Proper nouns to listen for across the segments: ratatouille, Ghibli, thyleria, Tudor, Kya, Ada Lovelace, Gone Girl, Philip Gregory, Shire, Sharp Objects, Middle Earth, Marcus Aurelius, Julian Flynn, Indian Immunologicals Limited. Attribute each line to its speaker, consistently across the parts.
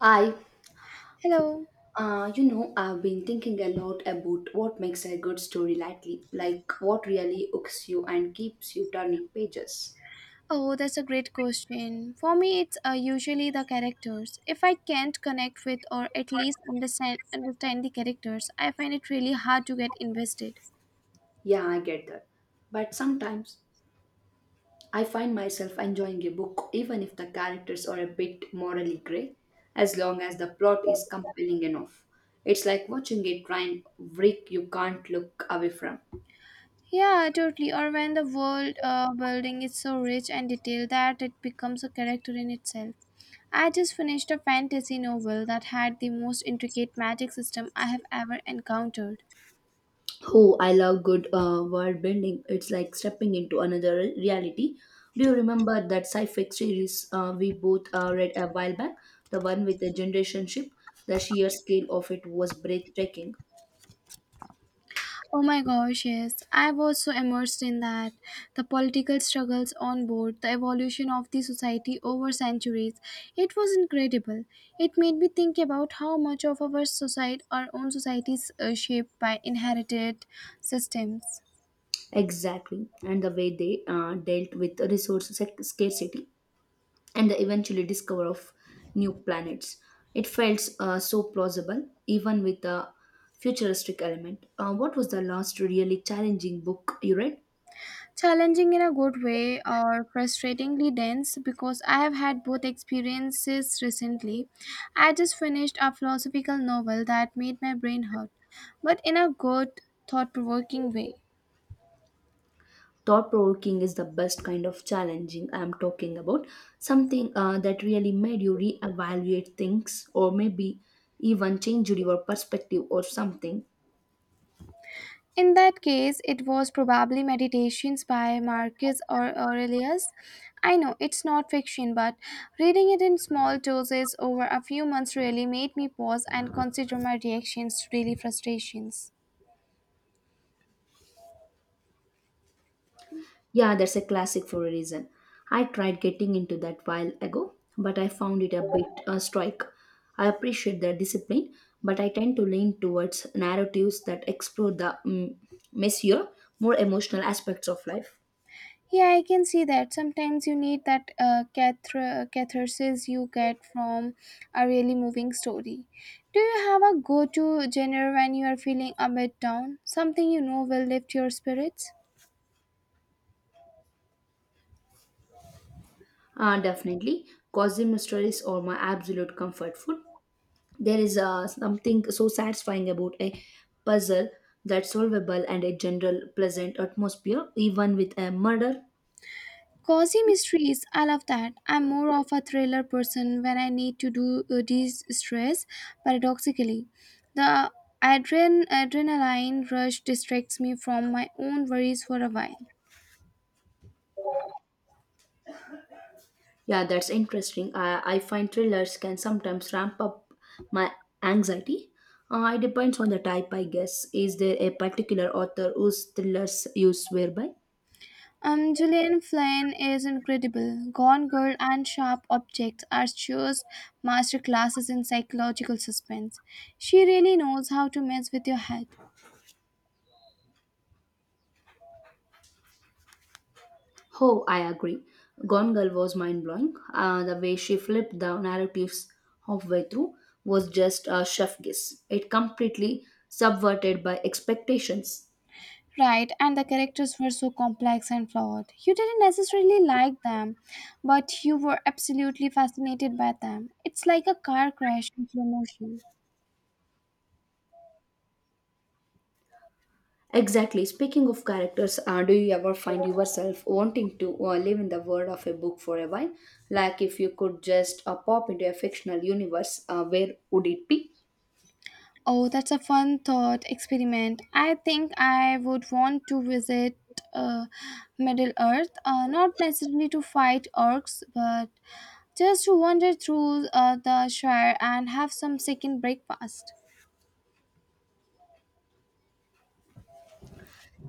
Speaker 1: I,
Speaker 2: Hello.
Speaker 1: I've been thinking a lot about what makes a good story lately, like what really hooks you and keeps you turning pages.
Speaker 2: Oh, that's a great question. For me, it's usually the characters. If I can't connect with or at least understand the characters, I find it really hard to get invested.
Speaker 1: Yeah, I get that. But sometimes I find myself enjoying a book even if the characters are a bit morally grey, as long as the plot is compelling enough. It's like watching a train wreck you can't look away from.
Speaker 2: Yeah, totally. Or when the world building is so rich and detailed that it becomes a character in itself. I just finished a fantasy novel that had the most intricate magic system I have ever encountered.
Speaker 1: Oh, I love good world bending. It's like stepping into another reality. Do you remember that sci-fi series we both read a while back? The one with the generation ship. The sheer scale of it was breathtaking.
Speaker 2: Oh my gosh, yes. I was so immersed in that. The political struggles on board, the evolution of the society over centuries. It was incredible. It made me think about how much of our society, our own society is shaped by inherited systems.
Speaker 1: Exactly, and the way they dealt with resource scarcity and the eventually discover of new planets. It felt so plausible, even with the futuristic element. What was the last really challenging book you read?
Speaker 2: Challenging in a good way or frustratingly dense because I have had both experiences recently. I just finished a philosophical novel that made my brain hurt, but in a good, thought provoking way.
Speaker 1: Thought provoking is the best kind of challenging. I'm talking about something that really made you reevaluate things, or maybe even change your perspective or something.
Speaker 2: In that case, it was probably Meditations by Marcus or Aurelius. I know it's not fiction, but reading it in small doses over a few months really made me pause and consider my reactions to daily frustrations.
Speaker 1: Yeah, that's a classic for a reason. I tried getting into that while ago, but I found it a bit a strike. I appreciate the discipline, but I tend to lean towards narratives that explore the messier, more emotional aspects of life.
Speaker 2: Yeah, I can see that. Sometimes you need that catharsis you get from a really moving story. Do you have a go to genre when you are feeling a bit down? Something you know will lift your spirits?
Speaker 1: Definitely Cosy mysteries are my absolute comfort food. There is something so satisfying about a puzzle that's solvable and a general pleasant atmosphere, even with a murder.
Speaker 2: Cozy mysteries, I love that. I'm more of a thriller person when I need to do de-stress. Paradoxically, the adrenaline rush distracts me from my own worries for a while.
Speaker 1: Yeah, that's interesting. I find thrillers can sometimes ramp up my anxiety. It depends on the type, I guess. Is there a particular author whose thrillers you swear by?
Speaker 2: Julian Flynn is incredible. Gone Girl and Sharp Objects are just masterclasses in psychological suspense. She really knows how to mess with your head.
Speaker 1: Oh, I agree. Gone Girl was mind blowing. The way she flipped the narratives halfway through was just a chef kiss. It completely subverted by expectations.
Speaker 2: Right, and the characters were so complex and flawed. You didn't necessarily like them, but you were absolutely fascinated by them. It's like a car crash in slow motion.
Speaker 1: Exactly. Speaking of characters, do you ever find yourself wanting to live in the world of a book for a while? Like if you could just pop into a fictional universe, where would it be?
Speaker 2: Oh, that's a fun thought experiment. I think I would want to visit uh, Middle Earth, not necessarily to fight orcs, but just to wander through the Shire and have some second breakfast.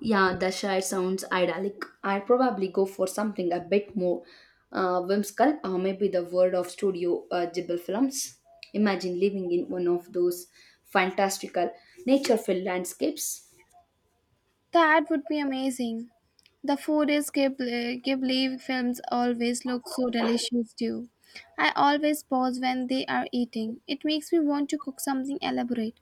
Speaker 1: Yeah, the Dashair sounds idyllic. I'd probably go for something a bit more whimsical, or maybe the world of Studio Ghibli films. Imagine living in one of those fantastical, nature-filled landscapes.
Speaker 2: That would be amazing. The food is Ghibli films always look so delicious too. I always pause when they are eating. It makes me want to cook something elaborate.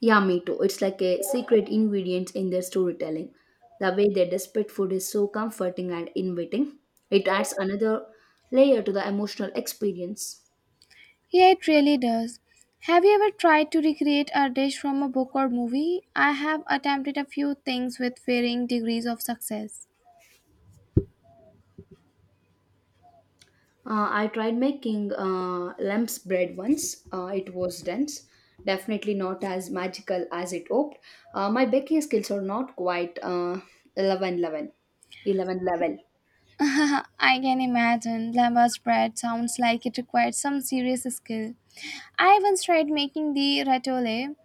Speaker 1: Yeah, me too. It's like a secret ingredient in their storytelling. The way they desperate food is so comforting and inviting. It adds another layer to the emotional experience.
Speaker 2: Yeah, it really does. Have you ever tried to recreate a dish from a book or movie? I have attempted a few things with varying degrees of success.
Speaker 1: I tried making lamb's bread once. It was dense, definitely not as magical as it hoped. My baking skills are not quite 11 level. 11 level.
Speaker 2: I can imagine. Lamba's bread sounds like it required some serious skill. I once tried making the ratatouille,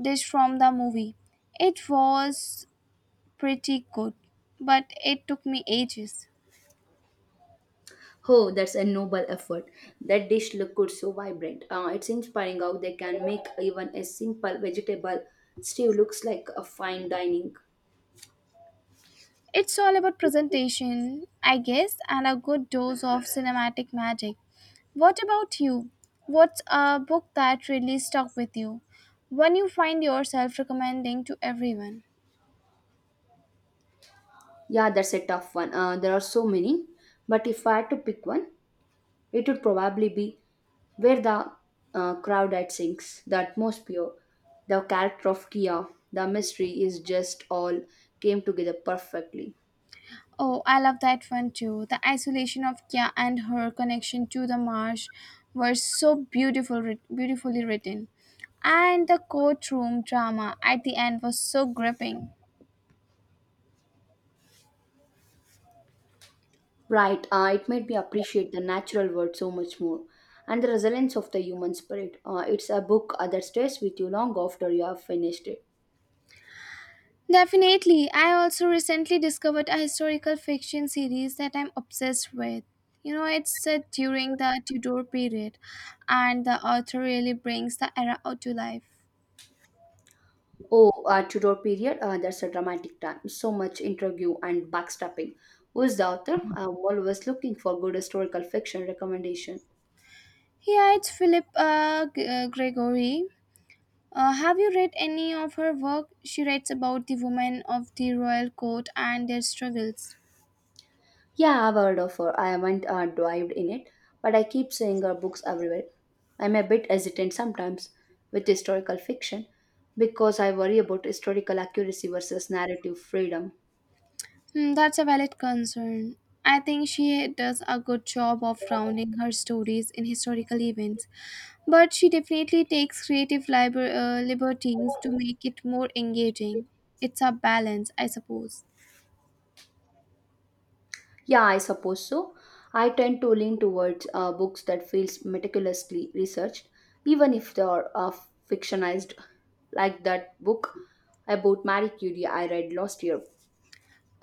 Speaker 2: dish from the movie. It was pretty good, but it took me ages.
Speaker 1: Oh, that's a noble effort. That dish look good, so vibrant. It's inspiring how they can make even a simple vegetable stew looks like a fine dining.
Speaker 2: It's all about presentation, I guess, and a good dose of cinematic magic. What about you? What's a book that really stuck with you? One you find yourself recommending to everyone?
Speaker 1: Yeah, that's a tough one. There are so many, but if I had to pick one, it would probably be where the crowd that sings, the atmosphere, the character of Kia, the mystery is just all came together perfectly.
Speaker 2: Oh, I love that one too. The isolation of Kya and her connection to the marsh were so beautiful, beautifully written. And the courtroom drama at the end was so gripping.
Speaker 1: Right, it made me appreciate the natural world so much more and the resilience of the human spirit. It's a book that stays with you long after you have finished it.
Speaker 2: Definitely, I also recently discovered a historical fiction series that I'm obsessed with. You know, it's set during the Tudor period, and the author really brings the era out to life.
Speaker 1: Oh, Tudor period, that's a dramatic time. So much interview and backstabbing. Who is the author? I'm always looking for good historical fiction recommendation.
Speaker 2: Yeah, it's Philip Gregory. Have you read any of her work? She writes about the women of the royal court and their struggles.
Speaker 1: Yeah, I've heard of her. I haven't dived in it, but I keep seeing her books everywhere. I'm a bit hesitant sometimes with historical fiction because I worry about historical accuracy versus narrative freedom.
Speaker 2: Hmm, that's a valid concern. I think she does a good job of rounding her stories in historical events, but she definitely takes creative liberties to make it more engaging. It's a balance, I suppose.
Speaker 1: Yeah, I suppose so. I tend to lean towards books that feels meticulously researched, even if they are fictionized, like that book about Marie Curie I read last year.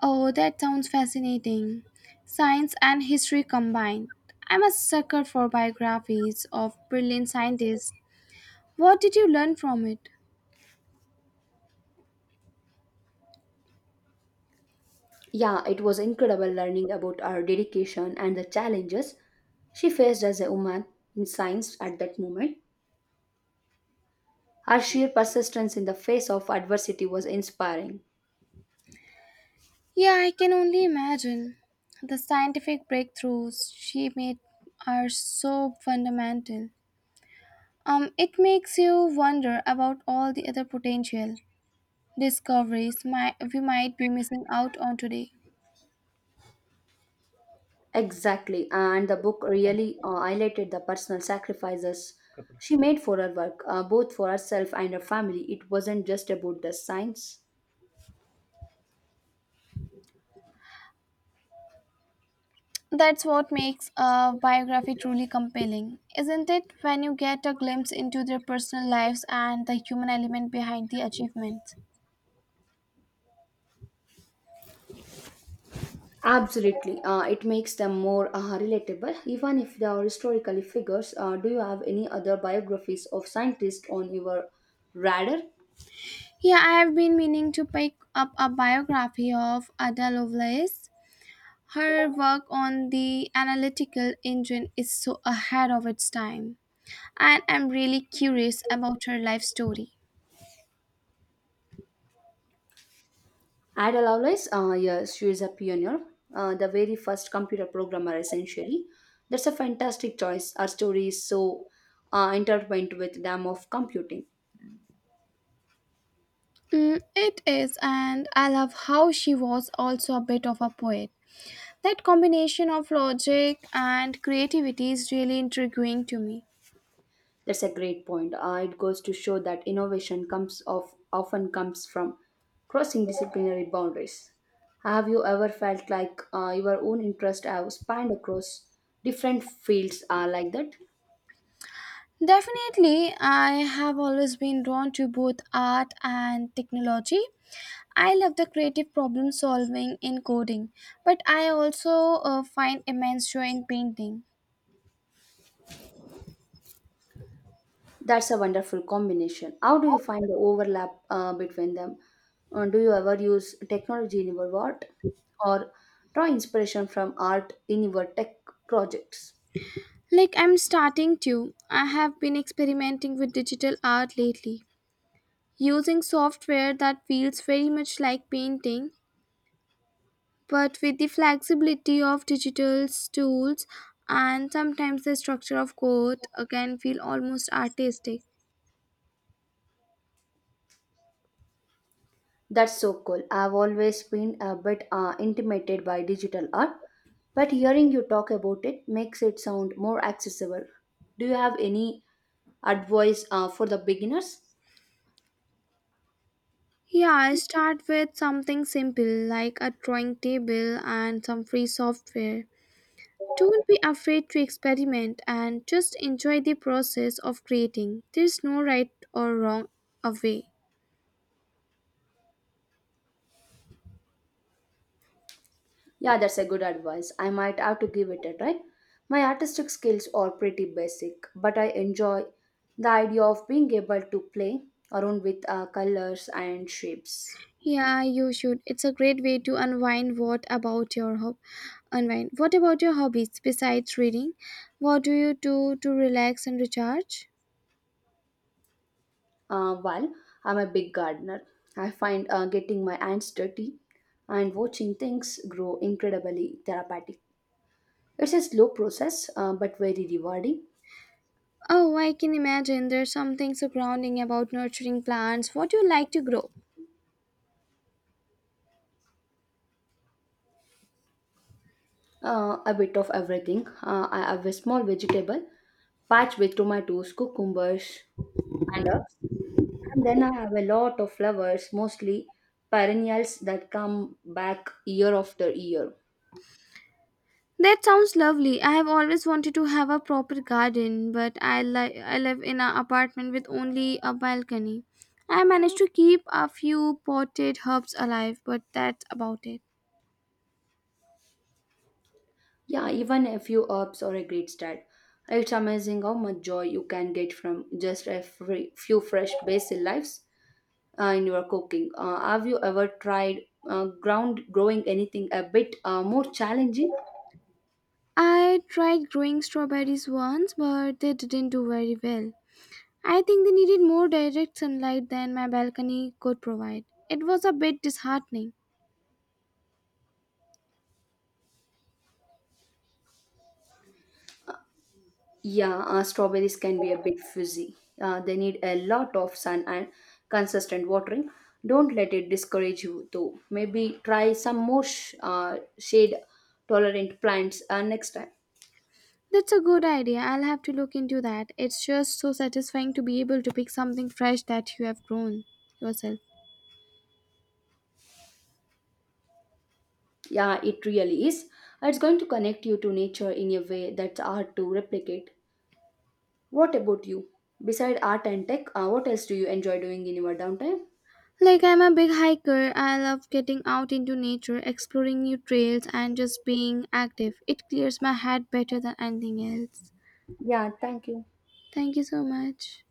Speaker 2: Oh, that sounds fascinating. Science and history combined. I'm a sucker for biographies of brilliant scientists. What did you learn from it?
Speaker 1: Yeah, it was incredible learning about her dedication and the challenges she faced as a woman in science at that moment. Her sheer persistence in the face of adversity was inspiring.
Speaker 2: Yeah, I can only imagine. The scientific breakthroughs she made are so fundamental. It makes you wonder about all the other potential discoveries we might be missing out on today.
Speaker 1: Exactly, and the book really highlighted the personal sacrifices she made for her work, both for herself and her family. It wasn't just about the science.
Speaker 2: That's what makes a biography truly compelling, isn't it? When you get a glimpse into their personal lives and the human element behind the achievements.
Speaker 1: Absolutely. It makes them more relatable, even if they are historically figures. Do you have any other biographies of scientists on your radar?
Speaker 2: Yeah, I have been meaning to pick up a biography of Ada Lovelace. Her work on the analytical engine is so ahead of its time, and I'm really curious about her life story.
Speaker 1: Ada Lovelace, yes, she is a pioneer, the very first computer programmer, essentially. That's a fantastic choice. Our story is so intertwined with them of computing.
Speaker 2: Mm, it is, and I love how she was also a bit of a poet. That combination of logic and creativity is really intriguing to me.
Speaker 1: That's a great point. It goes to show that innovation comes of often comes from crossing disciplinary boundaries. Have you ever felt like your own interests have spanned across different fields like that?
Speaker 2: Definitely, I have always been drawn to both art and technology. I love the creative problem solving in coding, but I also find immense joy in painting.
Speaker 1: That's a wonderful combination. How do you find the overlap between them? Do you ever use technology in your art, or draw inspiration from art in your tech projects?
Speaker 2: Like I'm starting to, I have been experimenting with digital art lately, using software that feels very much like painting, but with the flexibility of digital tools, and sometimes the structure of code can feel almost artistic.
Speaker 1: That's so cool. I've always been a bit intimidated by digital art, but hearing you talk about it makes it sound more accessible. Do you have any advice for the beginners?
Speaker 2: Yeah, I start with something simple like a drawing table and some free software. Don't be afraid to experiment and just enjoy the process of creating. There's no right or wrong a way.
Speaker 1: Yeah, that's a good advice. I might have to give it a try. My artistic skills are pretty basic, but I enjoy the idea of being able to play around with colors and shapes.
Speaker 2: Yeah, you should. It's a great way to unwind. What about your hob? Unwind. What about your hobbies besides reading? What do you do to relax and recharge?
Speaker 1: While I'm a big gardener, I find getting my hands dirty and watching things grow incredibly therapeutic. It's a slow process, but very rewarding.
Speaker 2: Oh, I can imagine there's something so grounding about nurturing plants. What do you like to grow?
Speaker 1: A bit of everything. I have a small vegetable patch with tomatoes, cucumbers, and herbs. And then I have a lot of flowers, mostly perennials that come back year after year.
Speaker 2: That sounds lovely. I have always wanted to have a proper garden, but I live in an apartment with only a balcony. I managed to keep a few potted herbs alive, but that's about it.
Speaker 1: Yeah, even a few herbs or a great start. It's amazing how much joy you can get from just a free, few fresh basil leaves in your cooking. Have you ever tried ground growing anything a bit more challenging?
Speaker 2: I tried growing strawberries once, but they didn't do very well. I think they needed more direct sunlight than my balcony could provide. It was a bit disheartening.
Speaker 1: Yeah, strawberries can be a bit fuzzy. They need a lot of sun and consistent watering. Don't let it discourage you though. Maybe try some more shade tolerant plants next time.
Speaker 2: That's a good idea. I'll have to look into that. It's just so satisfying to be able to pick something fresh that you have grown yourself.
Speaker 1: Yeah, it really is. It's going to connect you to nature in a way that's hard to replicate. What about you? Beside art and tech, what else do you enjoy doing in your downtime?
Speaker 2: Like I'm a big hiker, I love getting out into nature, exploring new trails, and just being active. It clears my head better than anything else.
Speaker 1: Yeah, thank you.
Speaker 2: Thank you so much.